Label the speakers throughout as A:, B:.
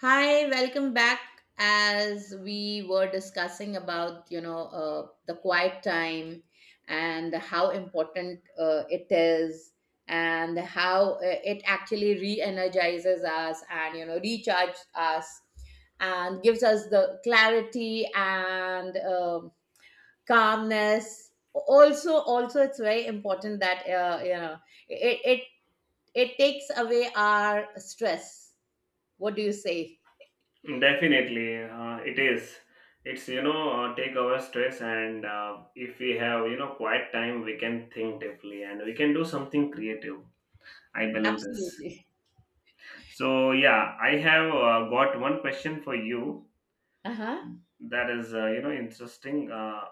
A: Hi, welcome back. As we were discussing about, the quiet time and how important it is, and how it actually re-energizes us and recharges us and gives us the clarity and calmness. Also, it's very important that it it it takes away our stress. What do you say?
B: Definitely, it is. It's take our stress and if we have quiet time, we can think deeply and we can do something creative. I believe this.
A: Absolutely.
B: So yeah, I have got one question for you
A: Uh-huh.
B: that is interesting. Uh,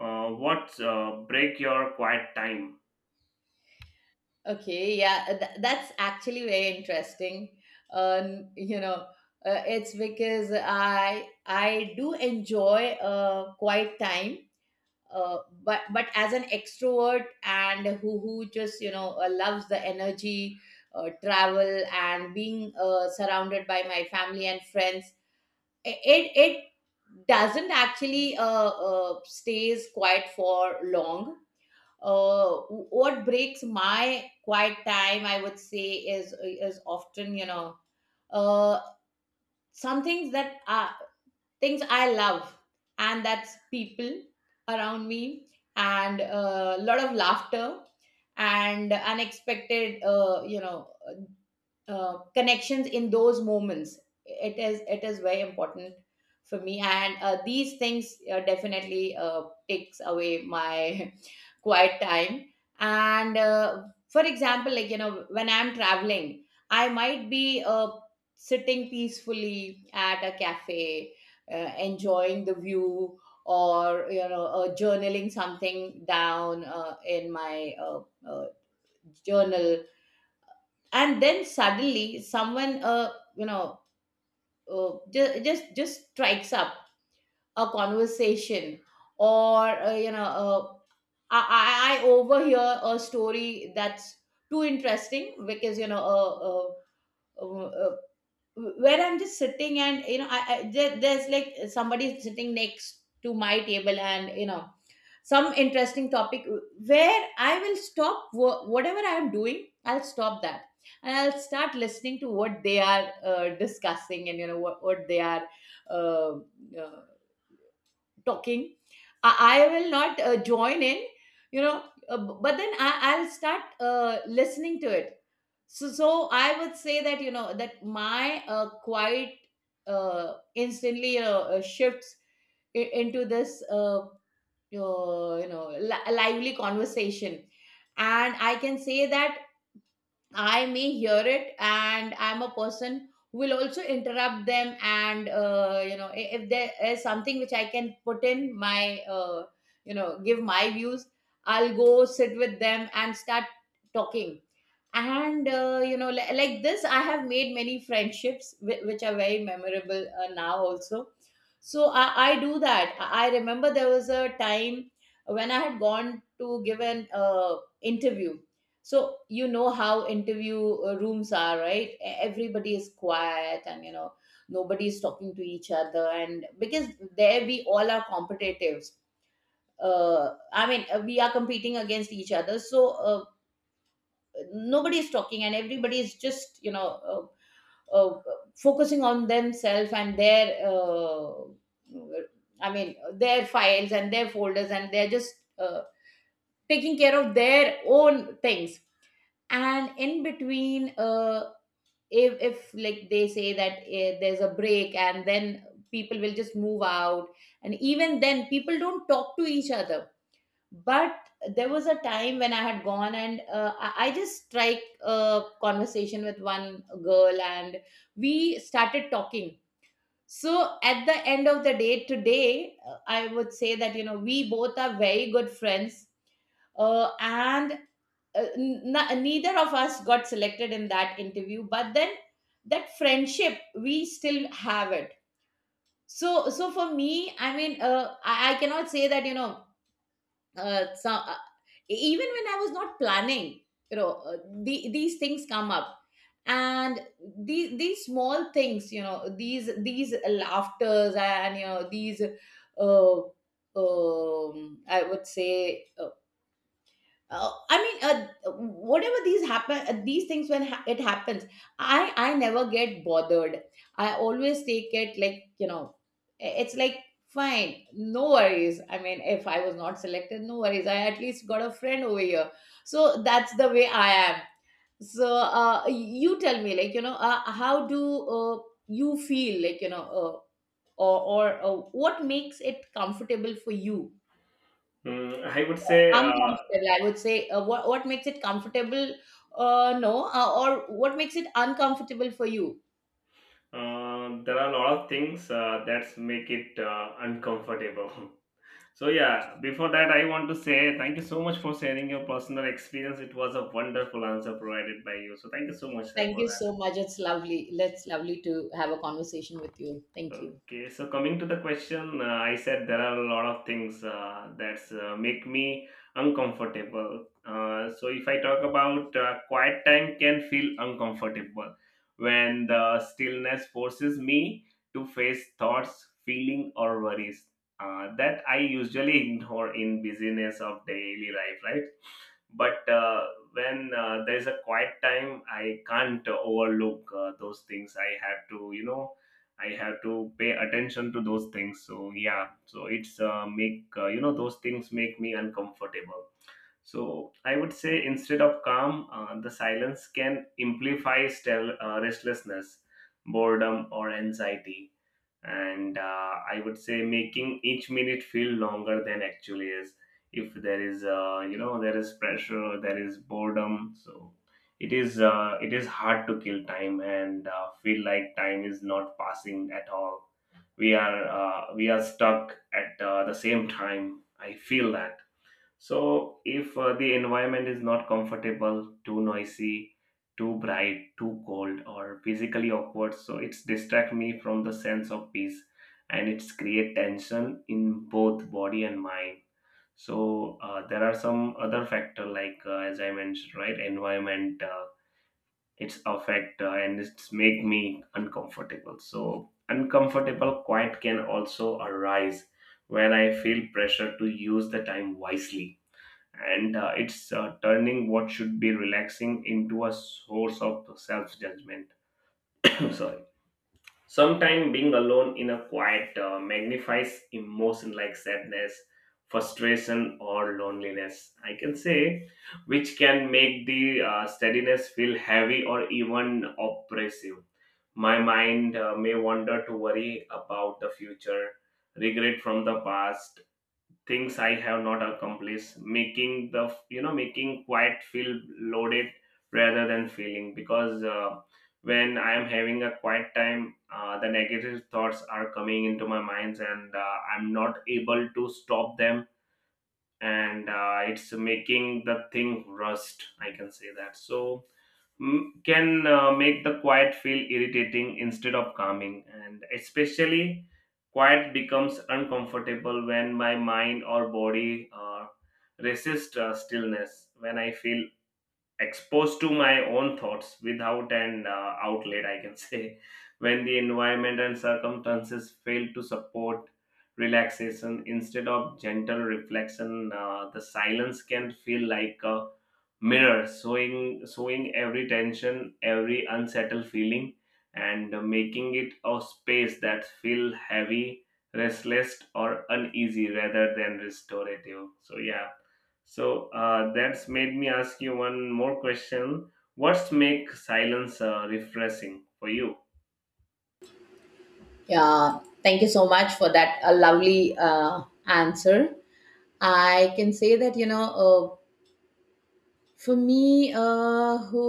B: uh, what uh, break your quiet time?
A: Okay, yeah, that's actually very interesting. Um, you know, it's because I do enjoy quiet time. Uh, but as an extrovert and who just loves the energy, travel and being surrounded by my family and friends, it doesn't actually stays quiet for long. What breaks my quiet time, I would say, is often, uh, some things that are things I love, and that's people around me, and a lot of laughter, and unexpected, connections. In those moments, it is very important for me, and these things definitely takes away my quiet time. And for example, when I'm traveling, I might be sitting peacefully at a cafe, enjoying the view, or journaling something down in my uh, journal, and then suddenly someone, just strikes up a conversation. Or I overhear a story that's too interesting because, uh, uh, uh, uh, where I'm just sitting, and I, there's like somebody sitting next to my table, and some interesting topic where I will stop whatever I am doing. I'll stop that and I'll start listening to what they are discussing, and what they are uh, uh, talking. I will not join in, but then I'll start listening to it. So, I would say that, that my quiet instantly shifts into this, lively conversation. And I can say that I may hear it, and I'm a person who will also interrupt them. And, if there is something which I can put in my, give my views, I'll go sit with them and start talking. And, like this, I have made many friendships which are very memorable now also. So I do that. I remember there was a time when I had gone to give an interview. So you know how interview rooms are, right? Everybody is quiet and, nobody is talking to each other, and because there we all are competitives, we are competing against each other. So uh, nobody is talking, and everybody is just, uh, uh, focusing on themselves and their, their files and their folders, and they're just taking care of their own things. And in between, if like they say that there's a break, and then people will just move out, and even then people don't talk to each other. But there was a time when I had gone, and I just strike a conversation with one girl, and we started talking. So at the end of the day today, I would say that, we both are very good friends. And, neither of us got selected in that interview, but then that friendship, we still have it. So for me, I cannot say that, uh, some, even when I was not planning, you know uh, these things come up. And these small things, these laughters, and these, I would say, uh, I mean, whatever these happen, these things when it happens, I never get bothered. I always take it like, it's like, fine, no worries. I mean, if I was not selected, no worries. I at least got a friend over here, so that's the way I am. So, you tell me, how do you feel, or what makes it comfortable for you?
B: Mm, I would say
A: Uncomfortable, I would say. What what makes it comfortable? No, Or what makes it uncomfortable for you?
B: there are a lot of things that make it uncomfortable. So yeah, before that, I want to say thank you so much for sharing your personal experience. It was a wonderful answer provided by you. So thank you so much sir,
A: Thank
B: for
A: you
B: that.
A: so much. It's lovely. It's lovely to have a conversation with you. Thank you.
B: Okay, so coming to the question, I said there are a lot of things that make me uncomfortable. So if I talk about quiet time can feel uncomfortable when the stillness forces me to face thoughts, feeling or worries that I usually ignore in busyness of daily life, right? But when there is a quiet time, I can't overlook those things. I have to, you know, I have to pay attention to those things. So yeah, so it's make, those things make me uncomfortable. So I would say instead of calm, the silence can amplify restlessness, boredom, or anxiety. And I would say making each minute feel longer than actually is. If there is, there is pressure, there is boredom. So it is hard to kill time and feel like time is not passing at all. We are stuck at the same time. I feel that. So if the environment is not comfortable, too noisy, too bright, too cold, or physically awkward, so it's distract me from the sense of peace, and it's create tension in both body and mind. So there are some other factor like as I mentioned, right? Environment, it's affect and it's make me uncomfortable. So uncomfortable quiet can also arise when I feel pressure to use the time wisely and it's turning what should be relaxing into a source of self judgment. Sorry. Sometimes being alone in a quiet magnifies emotion like sadness, frustration, or loneliness. I can say, which can make the steadiness feel heavy or even oppressive. My mind may wander to worry about the future, regret from the past, things I have not accomplished, making the you know making quiet feel loaded rather than feeling. Because when I am having a quiet time, the negative thoughts are coming into my minds, and I'm not able to stop them, and it's making the thing rust, I can say that. So m- can make the quiet feel irritating instead of calming. And especially quiet becomes uncomfortable when my mind or body resists stillness, when I feel exposed to my own thoughts without an outlet, I can say. When the environment and circumstances fail to support relaxation instead of gentle reflection, the silence can feel like a mirror, showing every tension, every unsettled feeling, and making it a space that feel heavy, restless or uneasy rather than restorative. So yeah, so that's made me ask you one more question. What's make silence refreshing for you?
A: Yeah, thank you so much for that, a lovely answer. I can say that, for me, who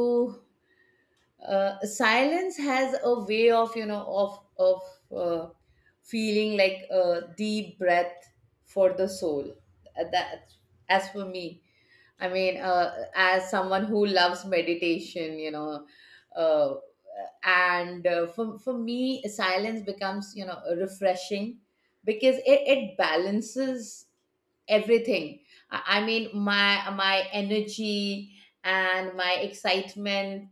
A: silence has a way of, uh, feeling like a deep breath for the soul. That As for me, as someone who loves meditation, uh, and for me silence becomes, refreshing because it balances everything. I mean my energy and my excitement,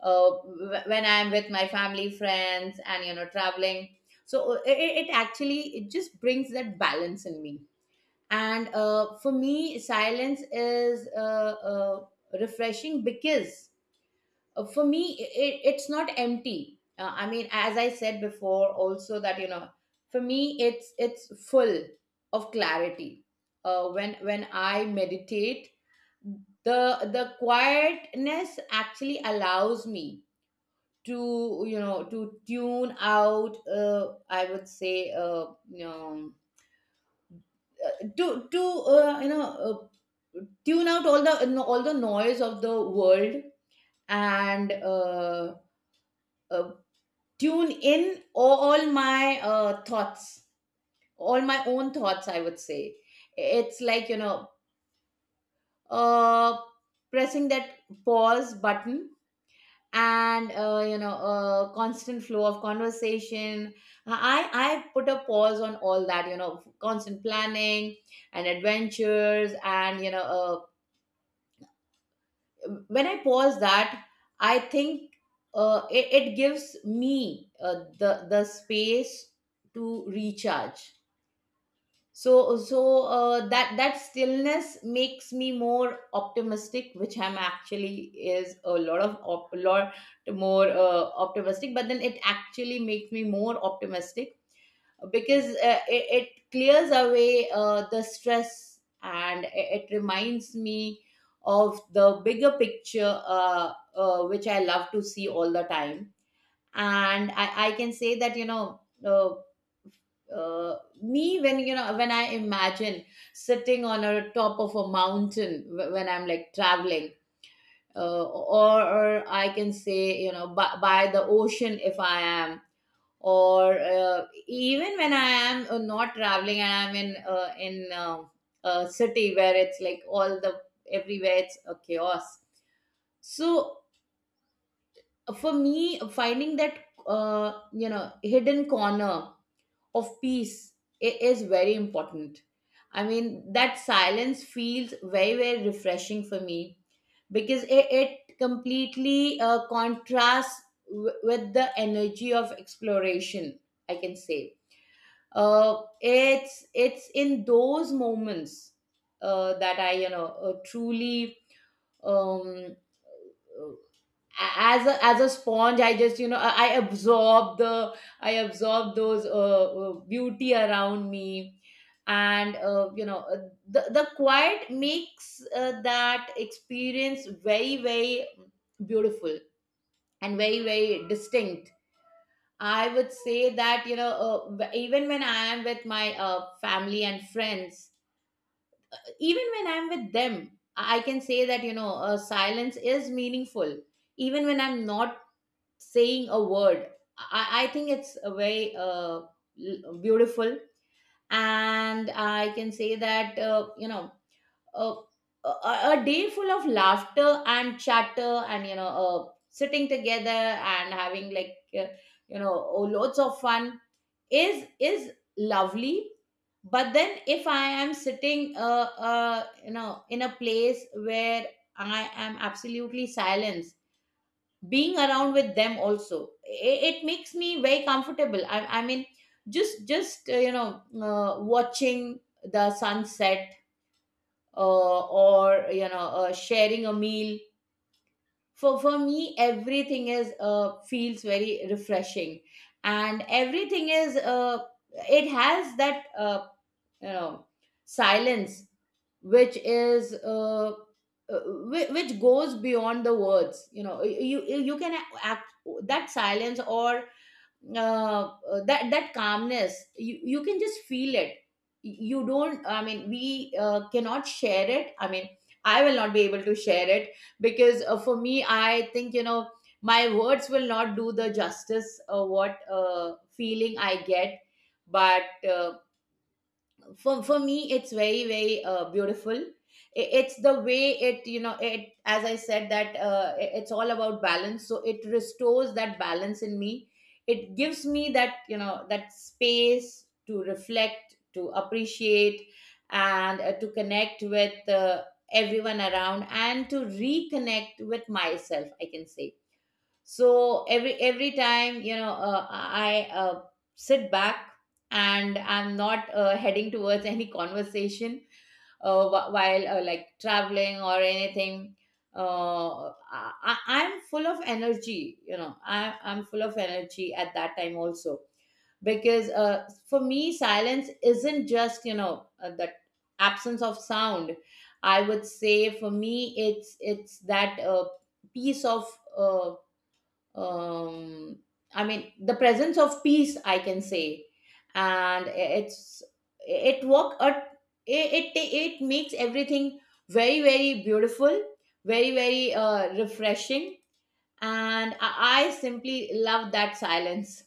A: when I'm with my family, friends and, traveling. So it actually, it just brings that balance in me. And, for me silence is, refreshing because, for me, it's not empty. As I said before also, that, for me it's full of clarity. When I meditate, the quietness actually allows me to, to tune out, I would say you know to you know tune out all the, no, all the noise of the world, and, uh, tune in all my thoughts, all my own thoughts, I would say. It's like, uh, pressing that pause button. And, a constant flow of conversation, I put a pause on all that, constant planning and adventures. And, when I pause that, I think it gives me the space to recharge. That that stillness makes me more optimistic, which I'm actually is a lot of a lot more optimistic, but then it actually makes me more optimistic because, it clears away the stress, and it reminds me of the bigger picture, which I love to see all the time. And I can say that, uh, me, when, when I imagine sitting on a top of a mountain when I'm like traveling, or I can say, by the ocean, if I am, or, even when I am, not traveling, I am in, a city where it's like all the everywhere it's a chaos. So for me, finding that, hidden corner of peace, it is very important. I mean, that silence feels very very refreshing for me because it completely contrasts with the energy of exploration, I can say. It's in those moments, that I, truly, um, as a sponge, I just, I absorb the, I absorb those, beauty around me. And, the quiet makes that experience very very beautiful, and very very distinct, I would say. That, even when I am with my family and friends, even when I'm with them, I can say that, silence is meaningful even when I'm not saying a word. I think it's a very, beautiful, and I can say that, uh, a day full of laughter and chatter, and, sitting together and having like, oh, loads of fun is lovely. But then if I am sitting in a place where I am absolutely silenced, being around with them also it makes me very comfortable. I mean just watching the sunset or sharing a meal. For me everything is feels very refreshing, and everything is it has that you know silence which is uh, which goes beyond the words. You can act that silence or that calmness. You can just feel it. You don't i mean we uh, cannot share it. I will not be able to share it because for me, I think, my words will not do the justice what feeling I get. But uh, for me it's very beautiful. It's the way it, it, as I said, that it's all about balance, so it restores that balance in me. It gives me that, that space to reflect, to appreciate, and to connect with everyone around, and to reconnect with myself, I can say. So every time, I sit back and I'm not heading towards any conversation, while like traveling or anything. I'm full of energy, I'm full of energy at that time also. Because for me, silence isn't just, the absence of sound. I would say for me it's that piece of uh, um I mean the presence of peace, I can say. And it's it work at, it makes everything very very beautiful, very refreshing. And I simply love that silence.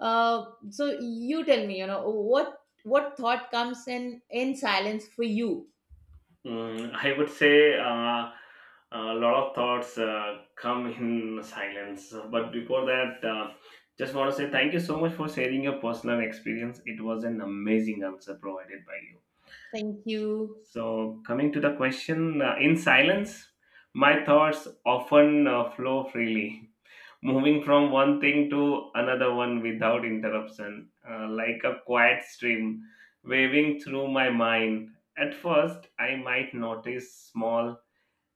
A: uh so you tell me, what thought comes in silence for you?
B: Mm, I would say a lot of thoughts come in silence. But before that, just want to say thank you so much for sharing your personal experience. It was an amazing answer provided by you.
A: Thank you.
B: So, coming to the question, in silence, my thoughts often flow freely, moving from one thing to another one without interruption, like a quiet stream waving through my mind. At first, I might notice small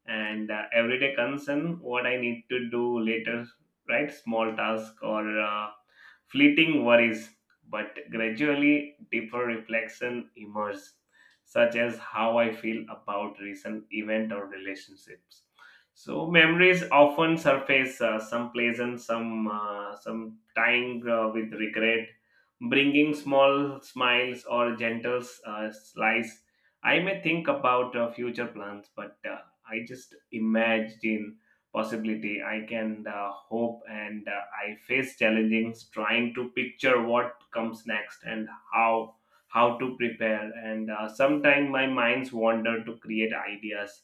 B: and everyday concern, what I need to do later, right? Small task or fleeting worries, but gradually deeper reflection emerges, such as how I feel about recent event or relationships. So memories often surface, some pleasant, some time with regret, bringing small smiles or gentle slice. I may think about future plans, but I just imagine possibility. I can hope, and I face challenges trying to picture what comes next and how to prepare. And sometimes my minds wander to create ideas,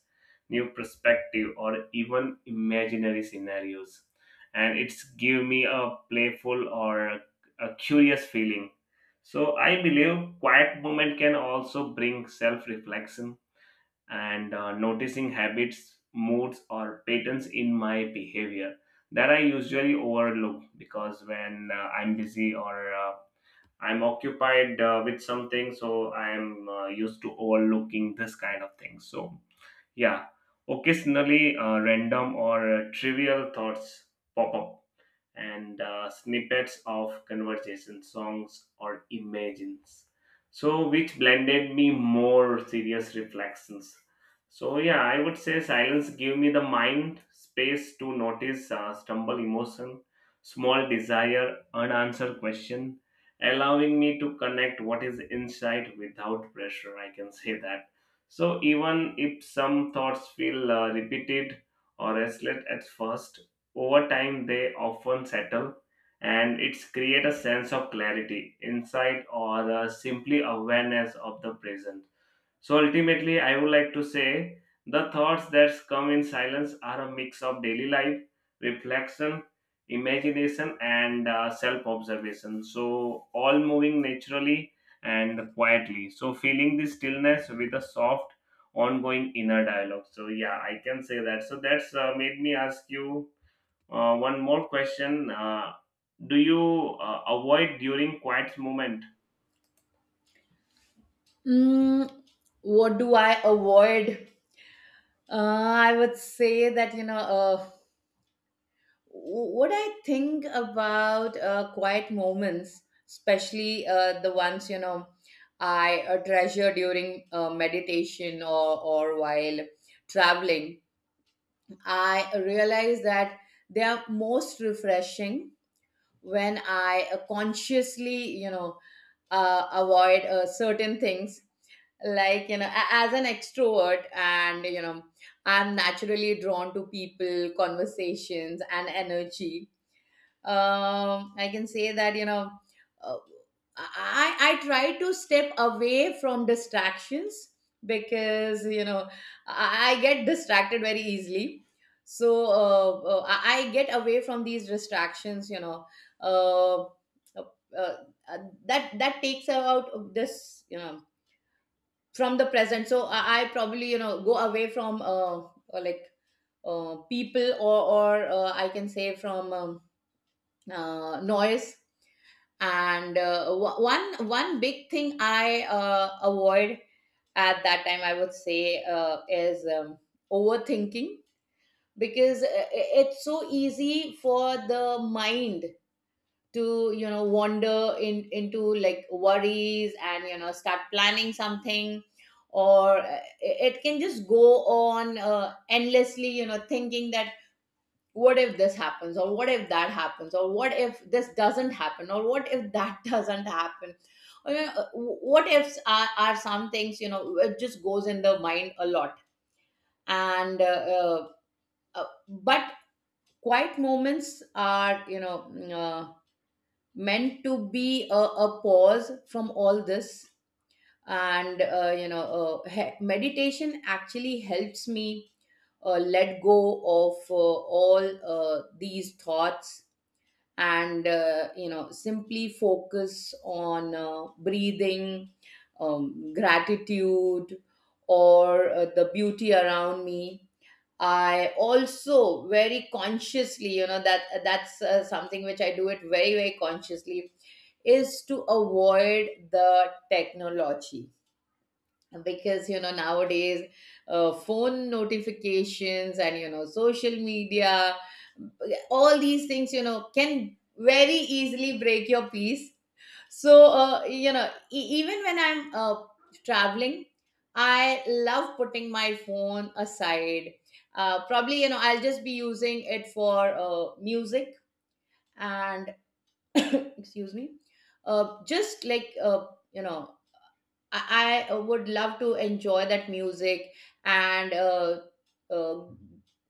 B: new perspective, or even imaginary scenarios. And it's give me a playful or a curious feeling. So I believe quiet moment can also bring self reflection and noticing habits, moods, or patterns in my behavior that I usually overlook, because when I'm busy or I'm occupied with something, so I'm used to overlooking this kind of thing. So, yeah, occasionally random or trivial thoughts pop up, and snippets of conversation, songs or imagines, so which blended me more serious reflections. So yeah, I would say silence gave me the mind space to notice stumble emotion, small desire, unanswered question, allowing me to connect what is inside without pressure, I can say that. So even if some thoughts feel repeated or restless at first, over time, they often settle, and it's create a sense of clarity, insight, or simply awareness of the present. So ultimately, I would like to say the thoughts that come in silence are a mix of daily life, reflection, imagination, and self-observation. So all moving naturally and quietly. So feeling this stillness with a soft, ongoing inner dialogue. So yeah, I can say that. So that's made me ask you one more question. Do you avoid during quiet moment?
A: Mm, what do I avoid? I would say that, what I think about quiet moments, especially the ones, I treasure during meditation, or while traveling, I realize that they are most refreshing when I consciously, avoid certain things. Like, as an extrovert, and I'm naturally drawn to people, conversations, and energy. I can say that, uh, I try to step away from distractions because, I get distracted very easily. So I get away from these distractions, uh, uh, uh, that takes out this, from the present. So I probably, go away from like people, or I can say, from noise. And one big thing I avoid at that time, I would say, is overthinking, because it's so easy for the mind to, wander in into like worries, and start planning something, or it can just go on endlessly, thinking that what if this happens, or what if that happens, or what if this doesn't happen, or what if that doesn't happen, or, what ifs are some things, it just goes in the mind a lot. And but quiet moments are, uh, meant to be a pause from all this. And meditation actually helps me let go of all these thoughts, and simply focus on breathing, gratitude, or the beauty around me. I also very consciously, that's something which I do it very very consciously, is to avoid the technology. Because, nowadays, phone notifications and, social media, all these things, can very easily break your peace. So, even when I'm traveling, I love putting my phone aside. Probably, I'll just be using it for music. And excuse me, just like, you know I would love to enjoy that music, and uh,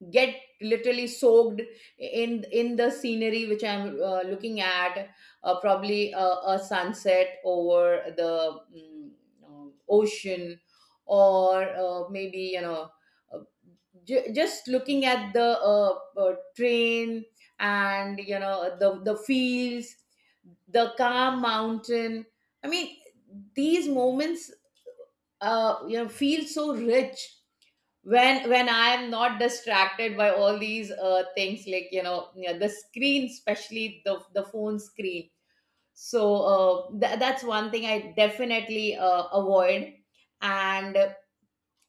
A: get literally soaked in the scenery which I'm looking at. Probably a sunset over the ocean, or maybe, uh, just looking at the train, and the fields, the calm mountain. I mean, these moments feel so rich when I am not distracted by all these things. Like, yeah, the screen, especially the phone screen. So uh, that's one thing I definitely avoid. And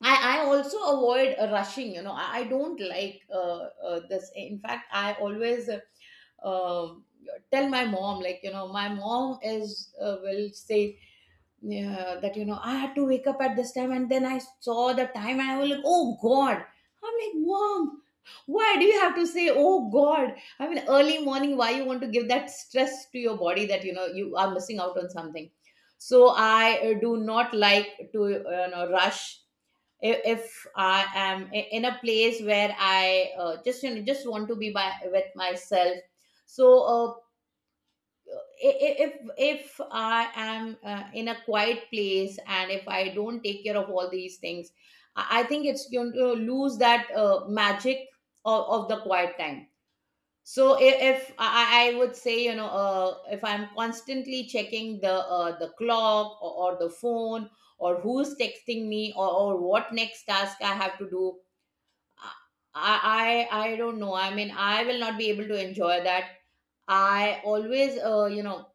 A: I also avoid rushing. I don't like this. In fact, I always uh, tell my mom, like, my mom is will say, yeah, that, I had to wake up at this time, and then I saw the time, and I was like, "Oh God!" I'm like, "Mom, why do you have to say, oh God?" I mean, early morning, why you want to give that stress to your body, that, you are missing out on something? So I do not like to, rush if I am in a place where I just, just want to be by with myself. So i- if I am in a quiet place, and if I don't take care of all these things, I think it's going to lose that magic of the quiet time. So if, I would say, if I'm constantly checking the clock, or the phone, or who's texting me, or what next task I have to do, I don't know. I mean, I will not be able to enjoy that. I always,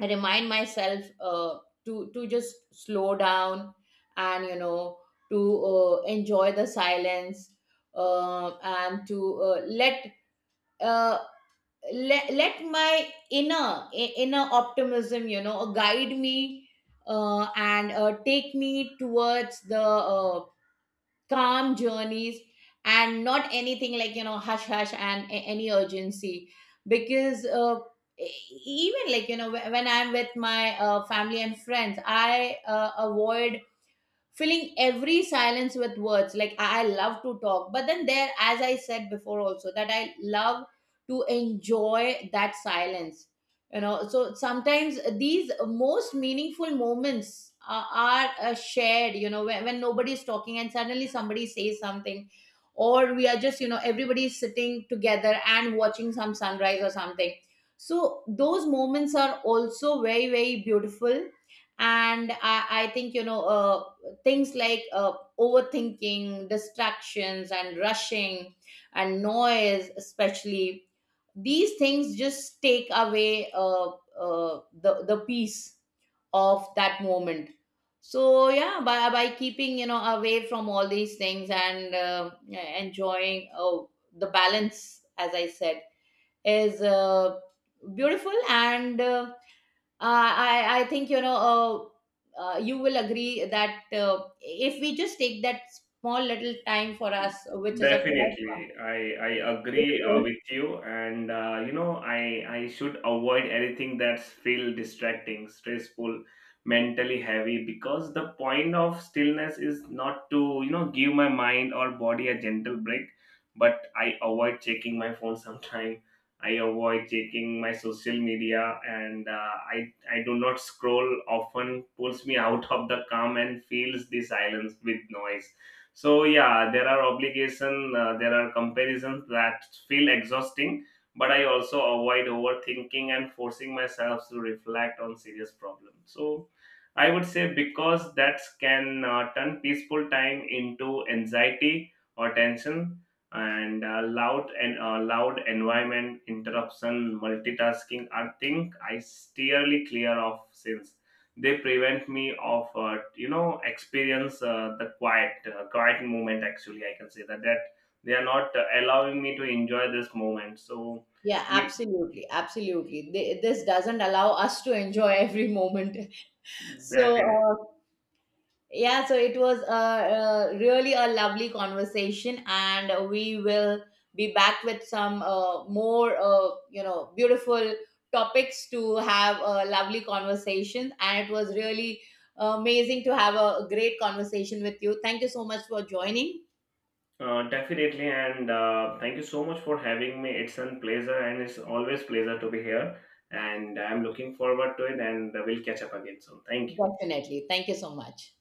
A: I remind myself to just slow down, and, to enjoy the silence, and to let uh, let my inner inner optimism, guide me, and take me towards the calm journeys, and not anything like, hush hush and any urgency. Because e- even like, when I'm with my family and friends, I avoid filling every silence with words. Like, I love to talk, but then, there, as I said before also, that I love to enjoy that silence, so sometimes these most meaningful moments are shared, when nobody is talking and suddenly somebody says something, or we are just, everybody is sitting together and watching some sunrise or something. So those moments are also very very beautiful. And I think, things like overthinking, distractions, and rushing, and noise, especially. These things just take away the peace of that moment. So yeah, by keeping, away from all these things, and enjoying the balance, as I said, is beautiful. And. Uh, I think, you will agree that, if we just take that small little time for us, which is a quiet,
B: Definitely, I agree with you, and I should avoid anything that's feel distracting, stressful, mentally heavy, because the point of stillness is not to give my mind or body a gentle break, but I avoid checking my phone sometime. I avoid checking my social media, and I do not scroll often. Pulls me out of the calm and fills the silence with noise. So yeah, there are obligation, there are comparisons that feel exhausting, but I also avoid overthinking and forcing myself to reflect on serious problems. So I would say because that can turn peaceful time into anxiety or tension. And loud and loud environment, interruption, multitasking are things I steerly clear of, since they prevent me of experience the quiet moment actually, I can say that, that they are not allowing me to enjoy this moment. So
A: yeah,
B: you.
A: absolutely, absolutely. This doesn't allow us to enjoy every moment. So
B: Definitely,
A: yeah, so it was a really a lovely conversation, and we will be back with some, more, beautiful topics to have a lovely conversation. And it was really amazing to have a great conversation with you. Thank you so much for joining.
B: definitely, and thank you so much for having me. It's a pleasure, and it's always pleasure to be here, and I'm looking forward to it, and we'll catch up again soon. Thank you.
A: Definitely. Thank you so much.